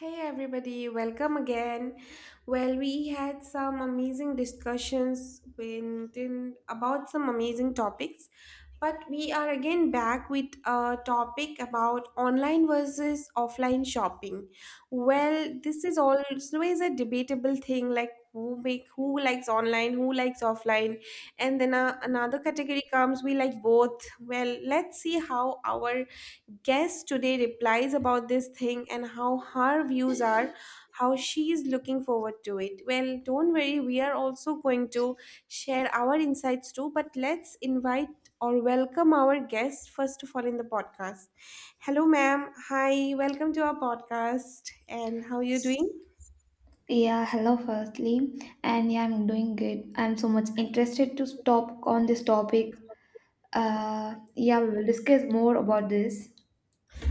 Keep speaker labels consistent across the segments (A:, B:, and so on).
A: Hey everybody, welcome again. Well, we had some amazing discussions when, then about some amazing topics, but we are again back with a topic about online versus offline shopping. Well, this is always a debatable thing like who likes online, who likes offline, and then another category comes we like both. Well, let's see how our guest today replies about this thing and how her views are, how she is looking forward to it. Well, don't worry, we are also going to share our insights too, but let's invite or welcome our guest first of all in the podcast. Hello, ma'am. Hi, welcome to our podcast. And how are you doing?
B: Yeah, hello firstly. And yeah, I'm doing good. I'm so much interested to stop on this topic. Yeah, we will discuss more about this.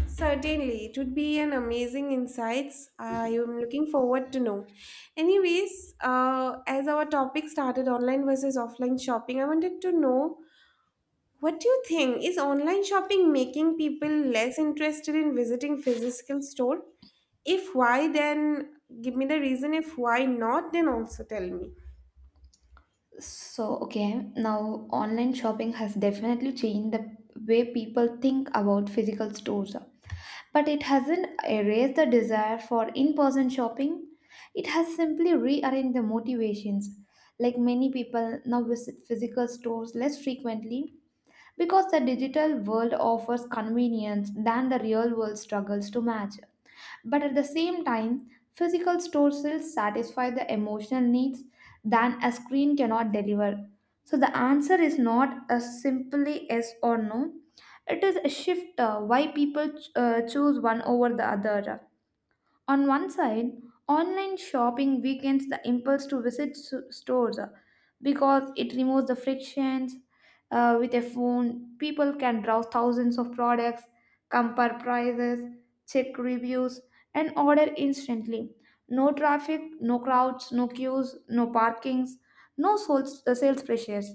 A: Certainly, it would be an amazing insights. I am looking forward to know. Anyways, as our topic started online versus offline shopping, I wanted to know what do you think is online shopping making people less interested in visiting physical store? If why, then give me the reason. If why not, then also tell me.
B: So, okay, now online shopping has definitely changed the way people think about physical stores, but it hasn't erased the desire for in person shopping. It has simply rearranged the motivations. Like many people now visit physical stores less frequently because the digital world offers convenience than the real world struggles to match. But at the same time, physical stores still satisfy the emotional needs than a screen cannot deliver. So the answer is not a simply yes or no. It is a shift, why people choose one over the other. On one side, online shopping weakens the impulse to visit stores, because it removes the frictions. With a phone, people can browse thousands of products, compare prices, check reviews, and order instantly. No traffic, no crowds, no queues, no parkings, no sales pressures.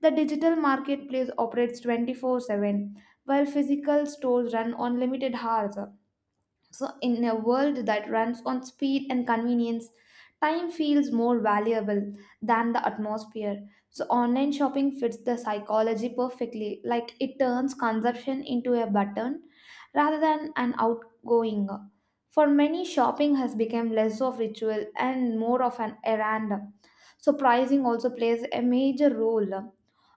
B: The digital marketplace operates 24/7, while physical stores run on limited hours. So, in a world that runs on speed and convenience, time feels more valuable than the atmosphere. So, online shopping fits the psychology perfectly, like it turns consumption into a button rather than an outgoing. For many, shopping has become less of ritual and more of an errand. So, pricing also plays a major role.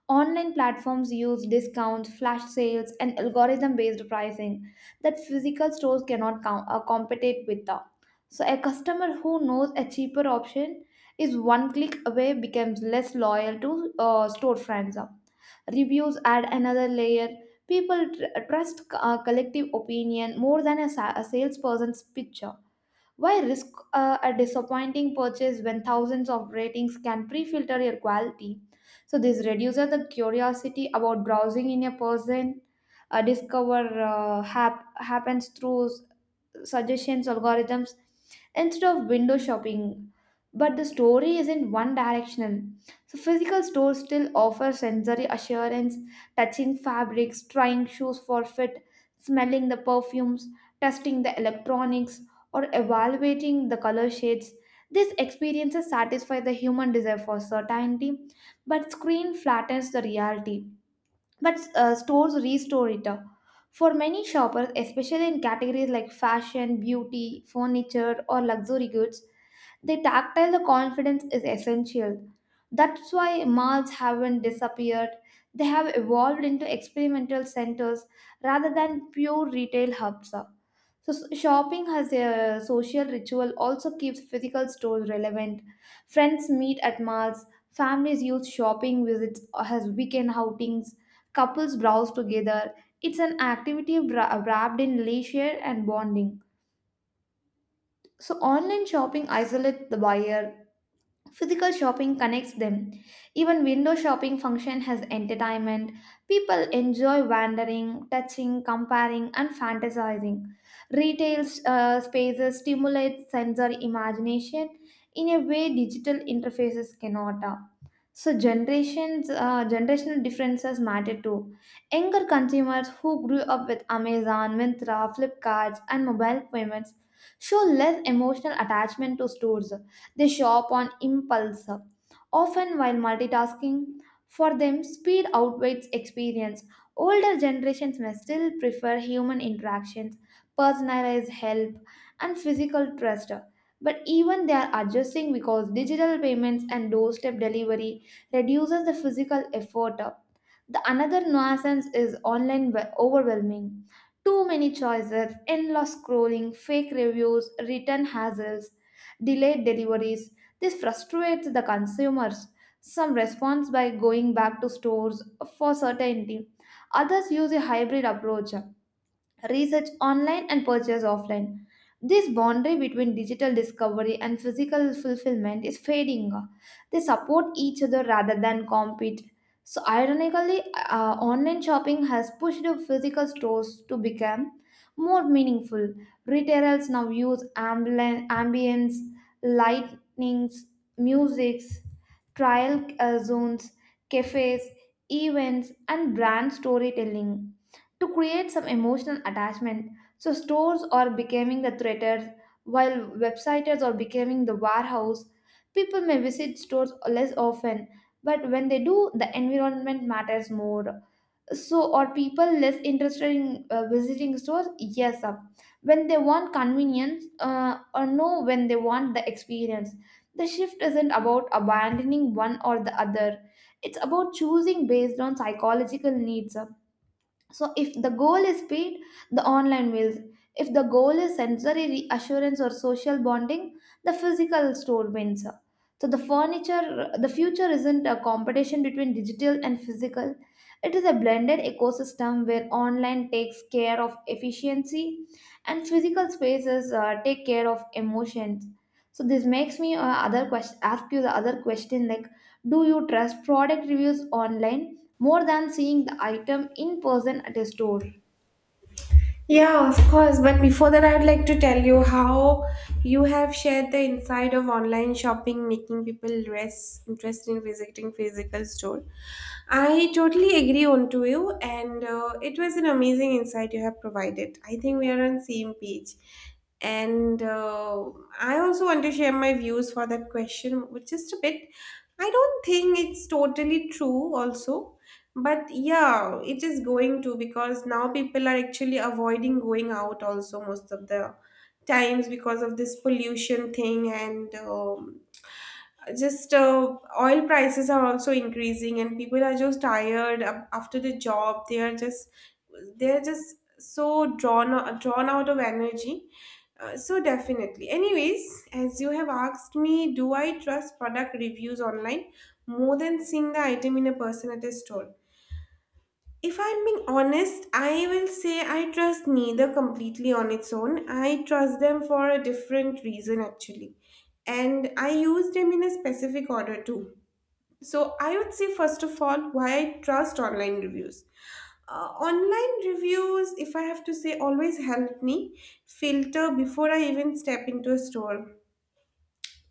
B: Online platforms use discounts, flash sales, and algorithm based pricing that physical stores cannot compete with. The. So, a customer who knows a cheaper option is one click away becomes less loyal to store friends. Reviews add another layer. People trust collective opinion more than a salesperson's pitch. Why risk a disappointing purchase when thousands of ratings can pre filter your quality? So, this reduces the curiosity about browsing in a person. Happens through suggestions algorithms instead of window shopping. But the story isn't one directional. So physical stores still offer sensory assurance, touching fabrics, trying shoes for fit, smelling the perfumes, testing the electronics, or evaluating the color shades. These experiences satisfy the human desire for certainty, but screen flattens the reality, but stores restore it. For many shoppers, especially in categories like fashion, beauty, furniture, or luxury goods, the tactile the confidence is essential. That's why malls haven't disappeared. They have evolved into experimental centers rather than pure retail hubs. So shopping as a social ritual also keeps physical stores relevant. Friends meet at malls, families use shopping visits as weekend outings, couples browse together. It's an activity wrapped in leisure and bonding. So online shopping isolates the buyer. Physical shopping connects them. Even window shopping function has entertainment. People enjoy wandering, touching, comparing, and fantasizing. Retail spaces stimulate sensory imagination in a way digital interfaces cannot. So generational differences matter too. Younger consumers who grew up with Amazon, Myntra, Flipkart, and mobile payments show less emotional attachment to stores. They show up on impulse, often while multitasking. For them, speed outweighs experience. Older generations may still prefer human interactions, personalized help, and physical trust. But even they are adjusting because digital payments and doorstep delivery reduces the physical effort. The another nuisance is online overwhelming. Too many choices, endless scrolling, fake reviews, return hassles, delayed deliveries. This frustrates the consumers. Some respond by going back to stores for certainty. Others use a hybrid approach, research online and purchase offline. This boundary between digital discovery and physical fulfillment is fading. They support each other rather than compete. So, ironically, online shopping has pushed the physical stores to become more meaningful. Retailers now use ambience, lightnings, musics, trial zones, cafes, events, and brand storytelling to create some emotional attachment. So stores are becoming the theaters, while websites are becoming the warehouse. People may visit stores less often, but when they do, the environment matters more. So are people less interested in visiting stores? Yes, when they want convenience, or no, when they want the experience. The shift isn't about abandoning one or the other. It's about choosing based on psychological needs. So, if the goal is speed, the online wheels. If the goal is sensory reassurance or social bonding, the physical store wins. So the future isn't a competition between digital and physical. It is a blended ecosystem where online takes care of efficiency and physical spaces take care of emotions. So this makes me other question ask you the other question, like do you trust product reviews online more than seeing the item in person at a store?
A: Yeah, of course. But before that, I would like to tell you how you have shared the inside of online shopping, making people less interested in visiting physical store. I totally agree on to you, and it was an amazing insight you have provided. I think we are on same page. And I also want to share my views for that question, which is a bit. I don't think it's totally true. Also, but yeah, it is going to because now people are actually avoiding going out also most of the times because of this pollution thing and just oil prices are also increasing and people are just tired after the job. They're just so drawn out of energy. So definitely. Anyways, as you have asked me, do I trust product reviews online more than seeing the item in a person at a store? If I'm being honest, I will say I trust neither completely on its own. I trust them for a different reason, actually. And I use them in a specific order, too. So, I would say, first of all, why I trust online reviews. Online reviews, if I have to say, always help me filter before I even step into a store.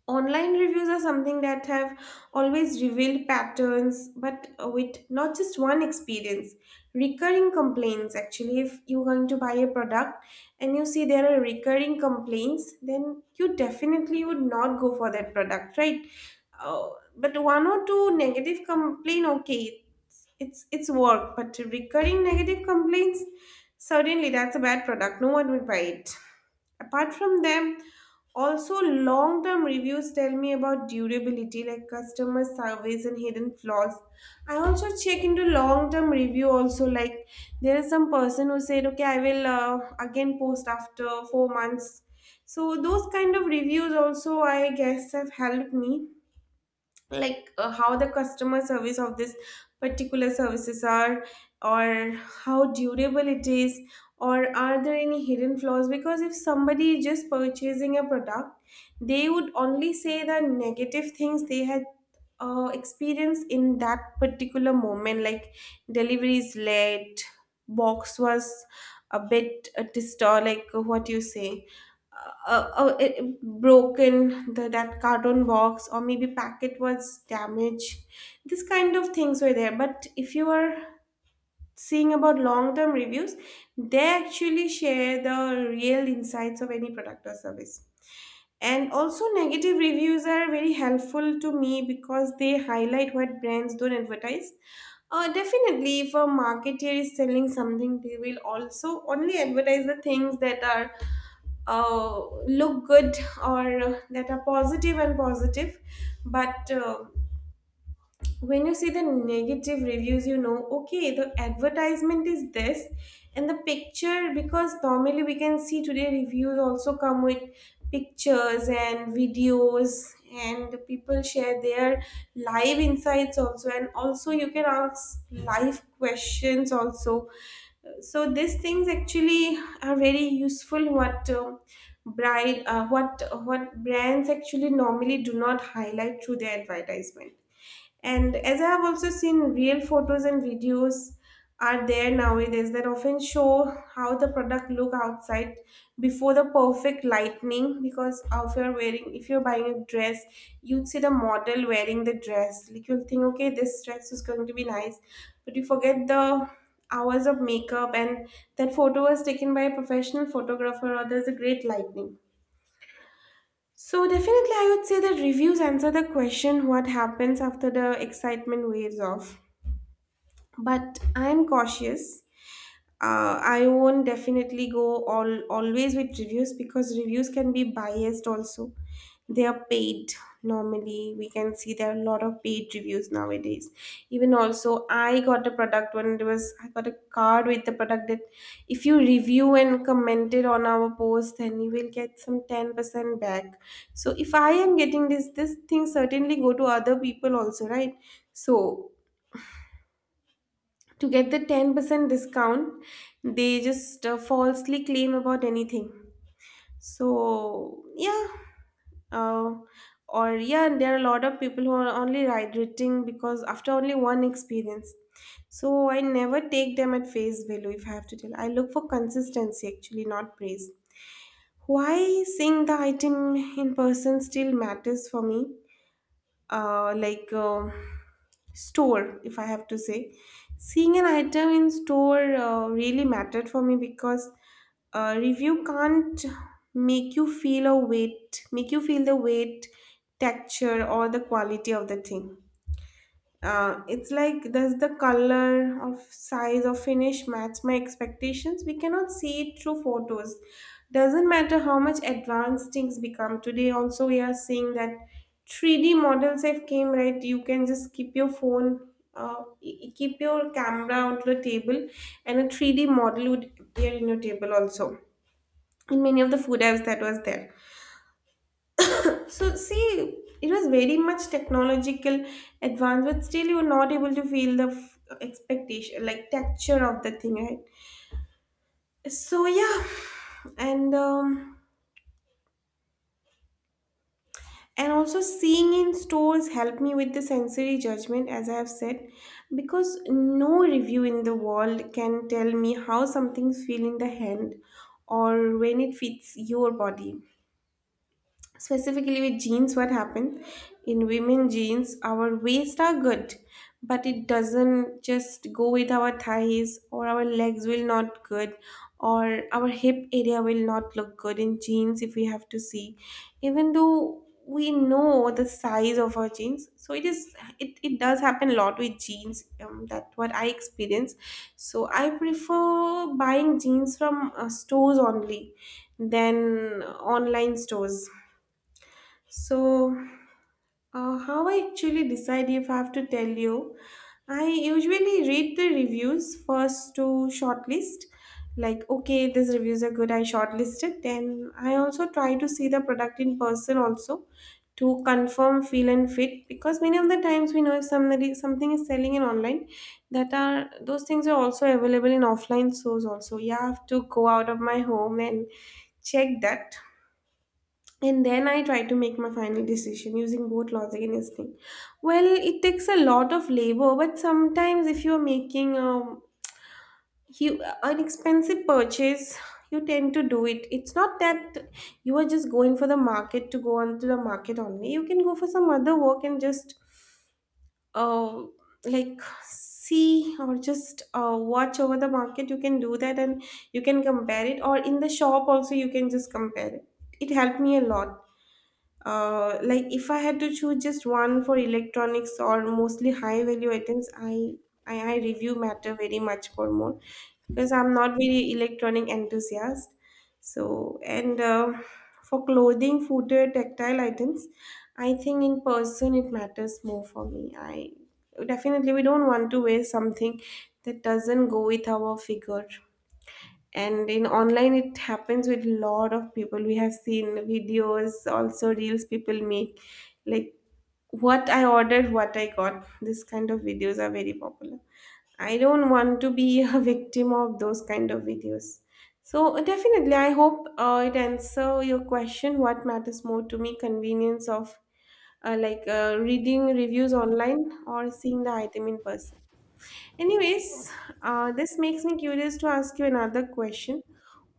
A: Online reviews are something that have always revealed patterns, but with not just one experience. Recurring complaints, actually, if you're going to buy a product and you see there are recurring complaints, then you definitely would not go for that product, right? Uh, but one or two negative complaint, okay, it's work, but recurring negative complaints, certainly that's a bad product. No one would buy it. Apart from them, also long term reviews tell me about durability, like customer surveys and hidden flaws. I also check into long term review, also, like there is some person who said, okay, I will again post after 4 months. So, those kind of reviews also, I guess, have helped me like how the customer service of this particular services are, or how durable it is, or are there any hidden flaws, because if somebody is just purchasing a product they would only say the negative things they had experienced in that particular moment, like delivery is late, box was a bit distor like what you say uh, oh, it broken the, that carton box or maybe packet was damaged, this kind of things were there. But if you are seeing about long term reviews they actually share the real insights of any product or service. And also negative reviews are very helpful to me because they highlight what brands don't advertise. Definitely if a marketer is selling something they will also only advertise the things that are look good or that are positive and positive. But when you see the negative reviews you know okay the advertisement is this and the picture, because normally we can see today reviews also come with pictures and videos and people share their live insights also, and also you can ask live questions also. So these things actually are very useful, what bride what brands actually normally do not highlight through their advertisement. And as I have also seen, real photos and videos are there nowadays that often show how the product look outside before the perfect lightning. Because if you're wearing, if you're buying a dress, you'd see the model wearing the dress. Like you'll think, okay, this dress is going to be nice, but you forget the hours of makeup, and that photo was taken by a professional photographer or there's a great lightning. So definitely I would say that reviews answer the question what happens after the excitement wears off. But I'm cautious. I won't definitely go all always with reviews because reviews can be biased also. They are paid normally. We can see there are a lot of paid reviews nowadays. Even also, I got a product when it was I got a card with the product that if you review and commented on our post, then you will get some 10% back. So if I am getting this, this thing certainly go to other people also, right? So to get the 10% discount they just falsely claim about anything. So yeah. Uh, or yeah, and there are a lot of people who are only hydrating because after only one experience. So I never take them at face value. If I have to tell, I look for consistency actually, not praise. Why seeing the item in person still matters for me? uh, like uh, Store, if I have to say, seeing an item in store really mattered for me, because review can't make you feel the weight, texture, or the quality of the thing. It's like, does the color of size or finish match my expectations? We cannot see it through photos. Doesn't matter how much advanced things become, today also we are seeing that 3D models have came, right? You can just keep your phone, keep your camera onto the table and a 3D model would appear in your table also, in many of the food apps that was there. So see, it was very much technological advance, but still you were not able to feel the expectation, like texture of the thing, right? So yeah, and um, and also seeing in stores helped me with the sensory judgment, as I have said, because no review in the world can tell me how something feels in the hand or when it fits your body. Specifically with jeans, what happens in women jeans, our waist are good but it doesn't just go with our thighs, or our legs will not good, or our hip area will not look good in jeans if we have to see, even though we know the size of our jeans. So it is it does happen a lot with jeans, that's what I experience. So I prefer buying jeans from stores only than online stores. So, how I actually decide if I have to tell you? I usually read the reviews first to shortlist. Like, okay, these reviews are good, I shortlisted. Then I also try to see the product in person also to confirm feel and fit, because many of the times we know if somebody something is selling in online, that are those things are also available in offline stores also. Yeah, I have to go out of my home and check that, and then I try to make my final decision using both logic and instinct. Well, it takes a lot of labor, but sometimes if you're making an expensive purchase, you tend to do it. It's not that you are just going for the market to go on to the market only. You can go for some other work and just uh, like see, or just watch over the market. You can do that and you can compare it, or in the shop also, you can just compare it. It helped me a lot. Like if I had to choose just one for electronics or mostly high value items, I review matter very much for more, because I'm not very electronic enthusiast. So and for clothing, footwear, tactile items, I think in person it matters more for me. I definitely we don't want to wear something that doesn't go with our figure. And in online it happens with lot of people. We have seen videos also, reels people make, like what I ordered what I got, this kind of videos are very popular. I don't want to be a victim of those kind of videos. So definitely, I hope it answer your question. What matters more to me, convenience of reading reviews online or seeing the item in person? Anyways, this makes me curious to ask you another question.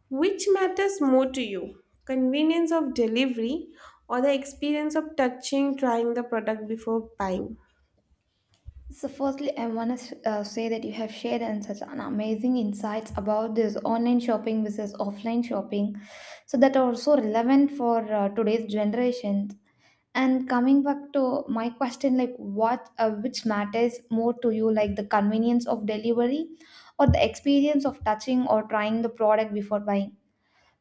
A: Which matters more to you, convenience of delivery or the experience of touching, trying the product before buying?
B: So, firstly, I want to say that you have shared and such an amazing insights about this online shopping versus offline shopping, so that are so relevant for today's generations. And coming back to my question, like which matters more to you, like the convenience of delivery or the experience of touching or trying the product before buying?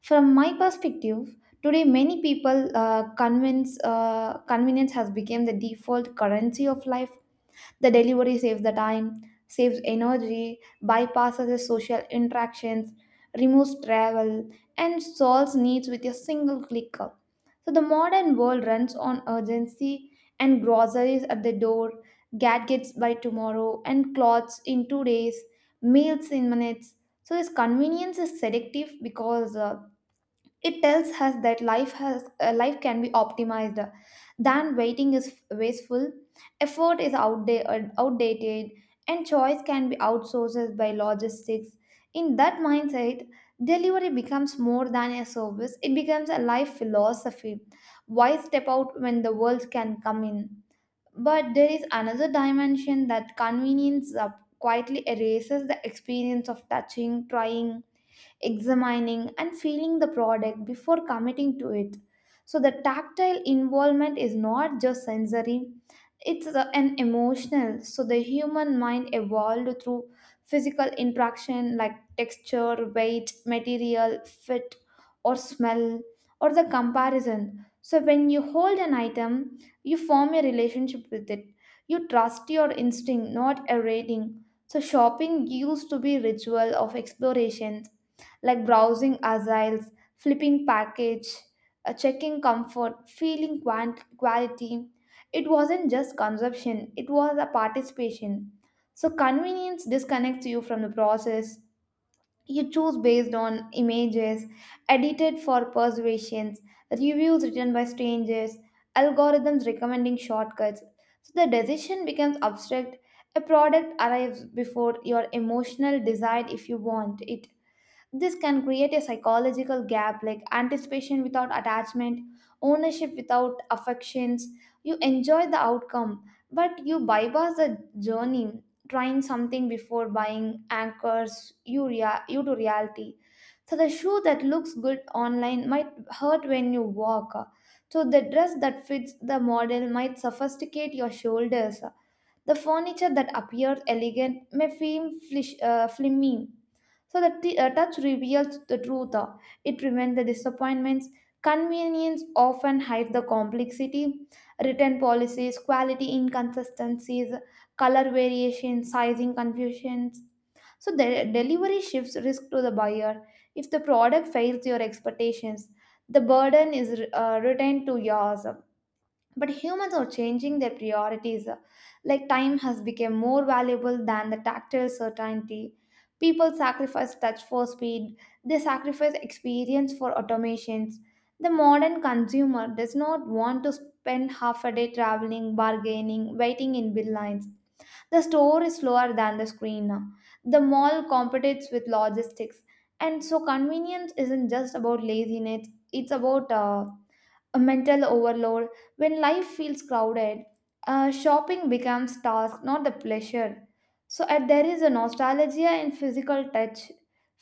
B: From my perspective, today many people convince convenience has become the default currency of life. The delivery saves the time, saves energy, bypasses the social interactions, removes travel, and solves needs with a single click. So the modern world runs on urgency and groceries at the door, gadgets by tomorrow, and clothes in 2 days, meals in minutes. So this convenience is selective because it tells us that life can be optimized. Then waiting is wasteful, effort is outdated, and choice can be outsourced by logistics. In that mindset, delivery becomes more than a service; it becomes a life philosophy. Why step out when the world can come in? But there is another dimension that convenience quietly erases the experience of touching, trying, examining and feeling the product before committing to it. So the tactile involvement is not just sensory, it's an emotional. So the human mind evolved through physical interaction like texture, weight, material, fit, or smell, or the comparison. So when you hold an item, you form a relationship with it. You trust your instinct, not a rating. So shopping used to be ritual of exploration like browsing aisles, flipping package, checking comfort, feeling quality. It wasn't just consumption, it was a participation. So convenience disconnects you from the process. You choose based on images, edited for persuasions, reviews written by strangers, algorithms recommending shortcuts. So the decision becomes abstract. A product arrives before your emotional desire if you want it. This can create a psychological gap like anticipation without attachment, ownership without affections. You enjoy the outcome, but you bypass the journey, trying something before buying anchors you to reality. So, the shoe that looks good online might hurt when you walk. So, the dress that fits the model might sophisticate your shoulders. The furniture that appears elegant may feel flimmy, so the touch reveals the truth. It prevents the disappointments. Convenience often hides the complexity. Written policies, quality inconsistencies, color variation, sizing confusions. So the delivery shifts risk to the buyer. If the product fails your expectations, the burden is retained to yours. But humans are changing their priorities, like time has become more valuable than the tactile certainty. People sacrifice touch for speed. They sacrifice experience for automations. The modern consumer does not want to spend half a day traveling, bargaining, waiting in bill lines. The store is slower than the screen. The mall competes with logistics. And so convenience isn't just about laziness, it's about a mental overload. When life feels crowded, shopping becomes task, not the pleasure. So there is a nostalgia in physical touch.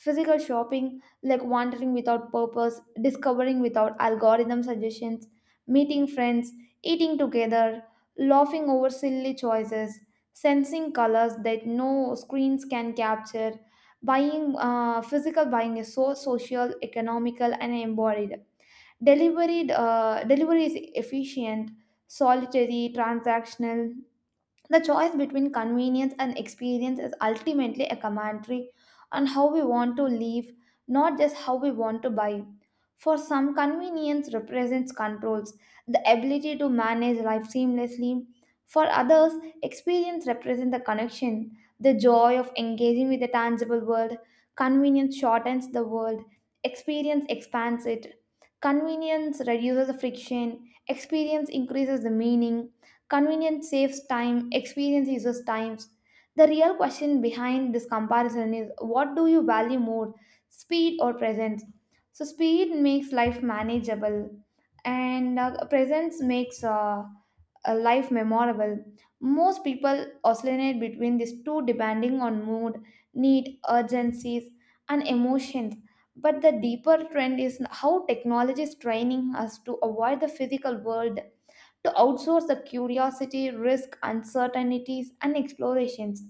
B: Physical shopping like wandering without purpose, discovering without algorithm suggestions, meeting friends, eating together, laughing over silly choices, sensing colors that no screens can capture, buying physical buying is so social, economical and embodied. Delivery is efficient, solitary, transactional. The choice between convenience and experience is ultimately a commentary on how we want to live, not just how we want to buy. For some, convenience represents controls, the ability to manage life seamlessly. For others, experience represents the connection, the joy of engaging with the tangible world. Convenience shortens the world, experience expands it. Convenience reduces the friction, experience increases the meaning. Convenience saves time, experience uses times. The real question behind this comparison is, what do you value more, speed or presence? So, speed makes life manageable, and presence makes a life memorable. Most people oscillate between these two depending on mood, need, urgencies, and emotions. But the deeper trend is how technology is training us to avoid the physical world, to outsource the curiosity, risk, uncertainties, and explorations.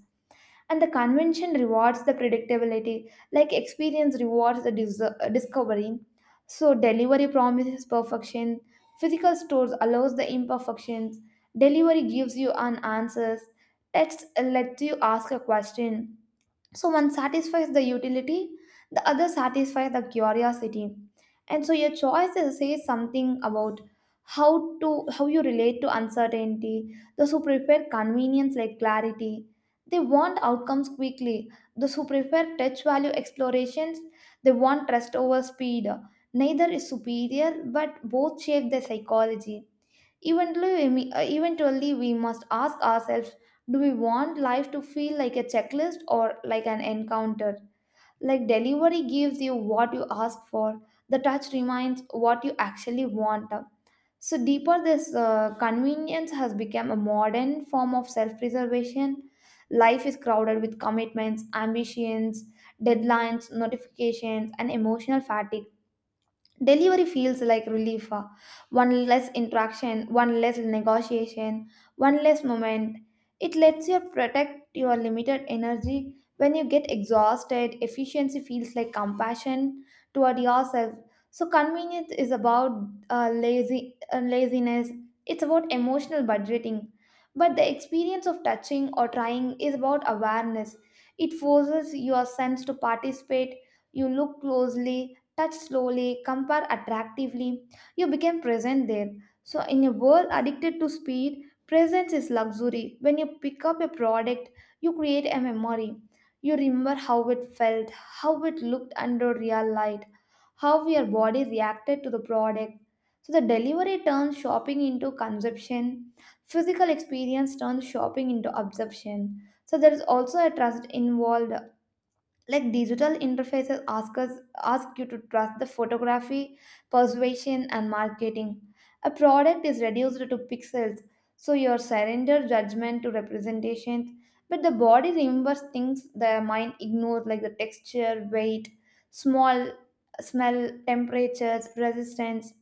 B: And the convention rewards the predictability, like experience rewards the discovery. So, delivery promises perfection, physical stores allows the imperfections, delivery gives you an answers, text lets you ask a question, so one satisfies the utility, the other satisfies the curiosity. And so your says something about how to how you relate to uncertainty. Those who prefer convenience like clarity, they want outcomes quickly. Those who prefer touch value explorations, they want trust over speed. Neither is superior, but both shape their psychology. Eventually, we must ask ourselves, do we want life to feel like a checklist or like an encounter? Like delivery gives you what you ask for, the touch reminds what you actually want. So, deeper, this convenience has become a modern form of self preservation. Life is crowded with commitments, ambitions, deadlines, notifications, and emotional fatigue. Delivery feels like relief. One less interaction, one less negotiation, one less moment. It lets you protect your limited energy. When you get exhausted, efficiency feels like compassion toward yourself. So convenience is about lazy laziness. It's about emotional budgeting. But the experience of touching or trying is about awareness. It forces your sense to participate. You look closely, touch slowly, compare attractively. You became present there. So, in a world addicted to speed, presence is luxury. When you pick up a product, you create a memory. You remember how it felt, how it looked under real light, how your body reacted to the product. So, the delivery turns shopping into consumption, physical experience turns shopping into absorption. So, there is also a trust involved, like digital interfaces ask you to trust the photography, persuasion and marketing. A product is reduced to pixels, so you surrender judgment to representations. But the body remembers things the mind ignores, like the texture, weight, small, smell, temperatures, resistance.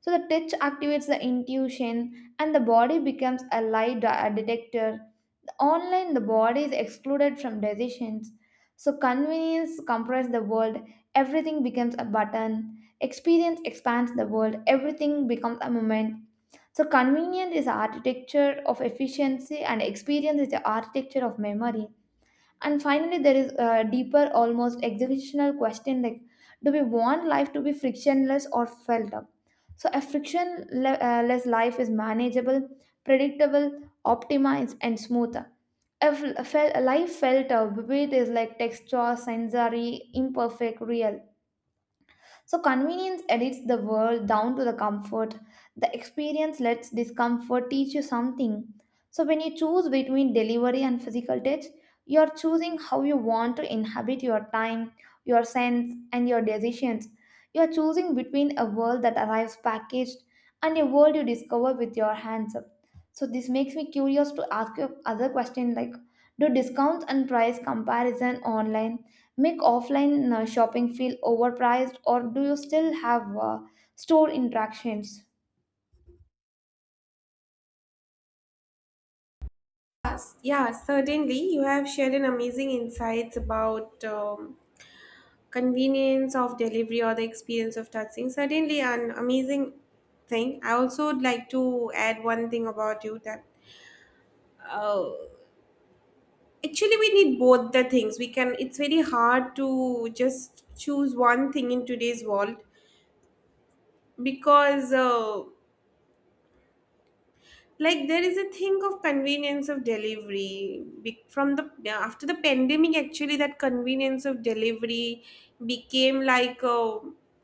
B: So the touch activates the intuition, and the body becomes a lie detector. Online, the body is excluded from decisions. So, convenience compresses the world, everything becomes a button. Experience expands the world, everything becomes a moment. So, convenience is the architecture of efficiency, and experience is the architecture of memory. And finally, there is a deeper, almost existential question like, do we want life to be frictionless or felt up? So, a frictionless life is manageable, predictable, optimized, and smooth. A life felt vivid is like texture sensory imperfect real. So, convenience edits the world down to the comfort. The experience lets discomfort teach you something. So, when you choose between delivery and physical touch, you are choosing how you want to inhabit your time, your sense, and your decisions. You are choosing between a world that arrives packaged and a world you discover with your hands. So, this makes me curious to ask you other question, like do discounts and price comparison online make offline shopping feel overpriced, or do you still have store interactions?
A: Yes, yeah, certainly. You have shared an amazing insights about convenience of delivery or the experience of touching. Certainly, an amazing thing. I also would like to add one thing about you that uh, actually, we need both the things. We can, it's very hard to just choose one thing in today's world because like there is a thing of convenience of delivery from the, yeah, after the pandemic actually that convenience of delivery became like a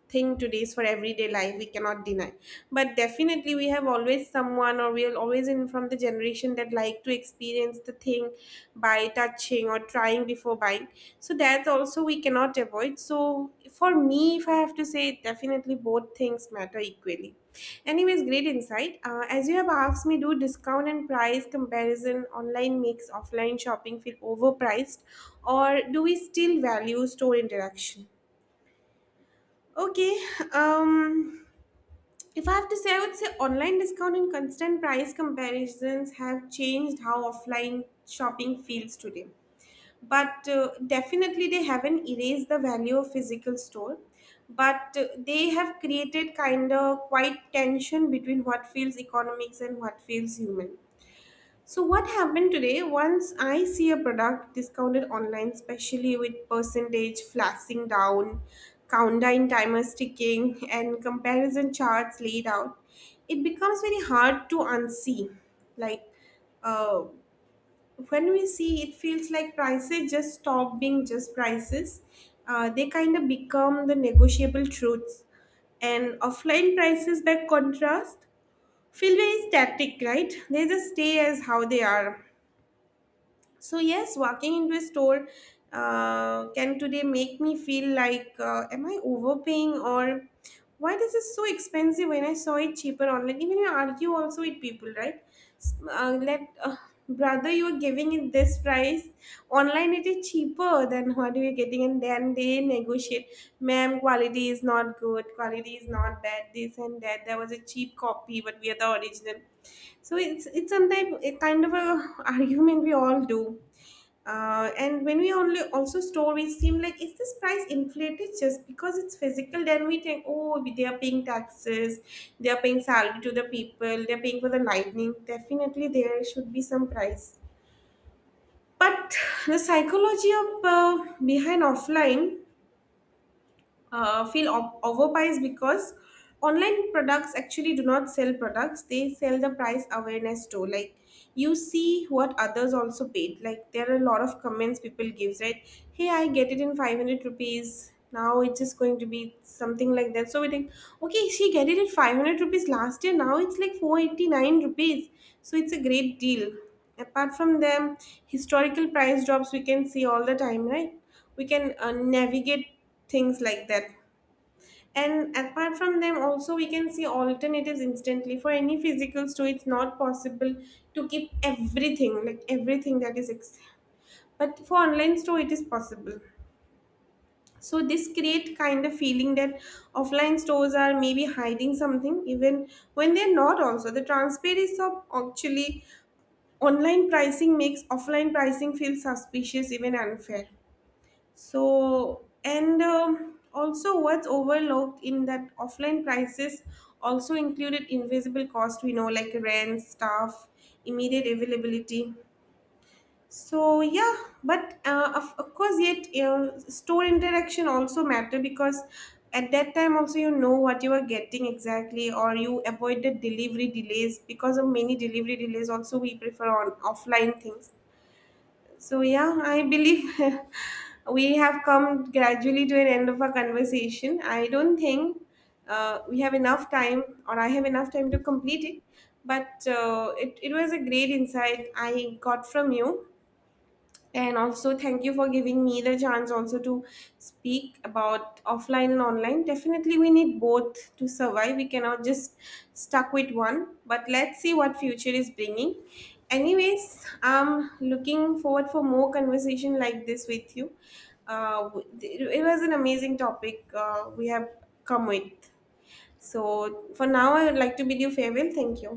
A: thing today's for everyday life we cannot deny, but definitely we have always someone or we are always in from the generation that like to experience the thing by touching or trying before buying. So that also we cannot avoid, so for me, if I have to say, definitely both things matter equally. Anyways, great insight. As you have asked me, do discount and price comparison online makes offline shopping feel overpriced, or do we still value store interaction? Okay, um, if I have to say, I would say online discount and constant price comparisons have changed how offline shopping feels today, but definitely they haven't erased the value of physical store, but they have created kind of quite tension between what feels economics and what feels human. So what happened today, once I see a product discounted online, especially with percentage flashing down, countdown timers ticking, and comparison charts laid out, it becomes very hard to unsee. Like, uh when we see, it feels like prices just stop being just prices. Uh, they kind of become the negotiable truths, and offline prices, by contrast, feel very static, right? They just stay as how they are. So yes, walking into a store, can today make me feel like, am I overpaying, or why this is so expensive when I saw it cheaper online? Even you argue also with people, right? S- let Brother, you are giving it this price online. It is cheaper than what you are getting, and then they negotiate. Ma'am, quality is not good. Quality is not that. This and that. There was a cheap copy, but we are the original. So it's sometimes a kind of a argument we all do. And when we only also store, we seem like, is this price inflated just because it's physical? Then we think, oh, they are paying taxes, they are paying salary to the people, they are paying for the lightning. Definitely, there should be some price. But the psychology of behind offline feel overpriced, because online products actually do not sell products, they sell the price awareness too. Like, you see what others also paid, like there are a lot of comments people gives, right? Hey, I get it in 500 rupees, now it's just going to be something like that. So we think, okay, she get it at 500 rupees last year, now it's like 489 rupees, so it's a great deal. Apart from them, historical price drops we can see all the time, right? We can navigate things like that. And apart from them also, we can see alternatives instantly. For any physical store it's not possible to keep everything, like everything that is but for online store it is possible. So this create kind of feeling that offline stores are maybe hiding something even when they're not. Also, the transparency of actually online pricing makes offline pricing feel suspicious, even unfair. So, and also what's overlooked in that offline prices also included invisible cost, we know, like rent, staff, immediate availability. So, yeah, but of course, yet store interaction also matter, because at that time also you know what you are getting exactly, or you avoided delivery delays, because of many delivery delays also we prefer on offline things. So yeah, I believe we have come gradually to an end of our conversation. I don't think we have enough time, or I have enough time to complete it. But it was a great insight I got from you, and also thank you for giving me the chance also to speak about offline and online. Definitely we need both to survive, we cannot just stuck with one, but let's see what future is bringing. Anyways, I'm looking forward for more conversation like this with you. It was an amazing topic we have come with. So for now I would like to bid you farewell. Thank you.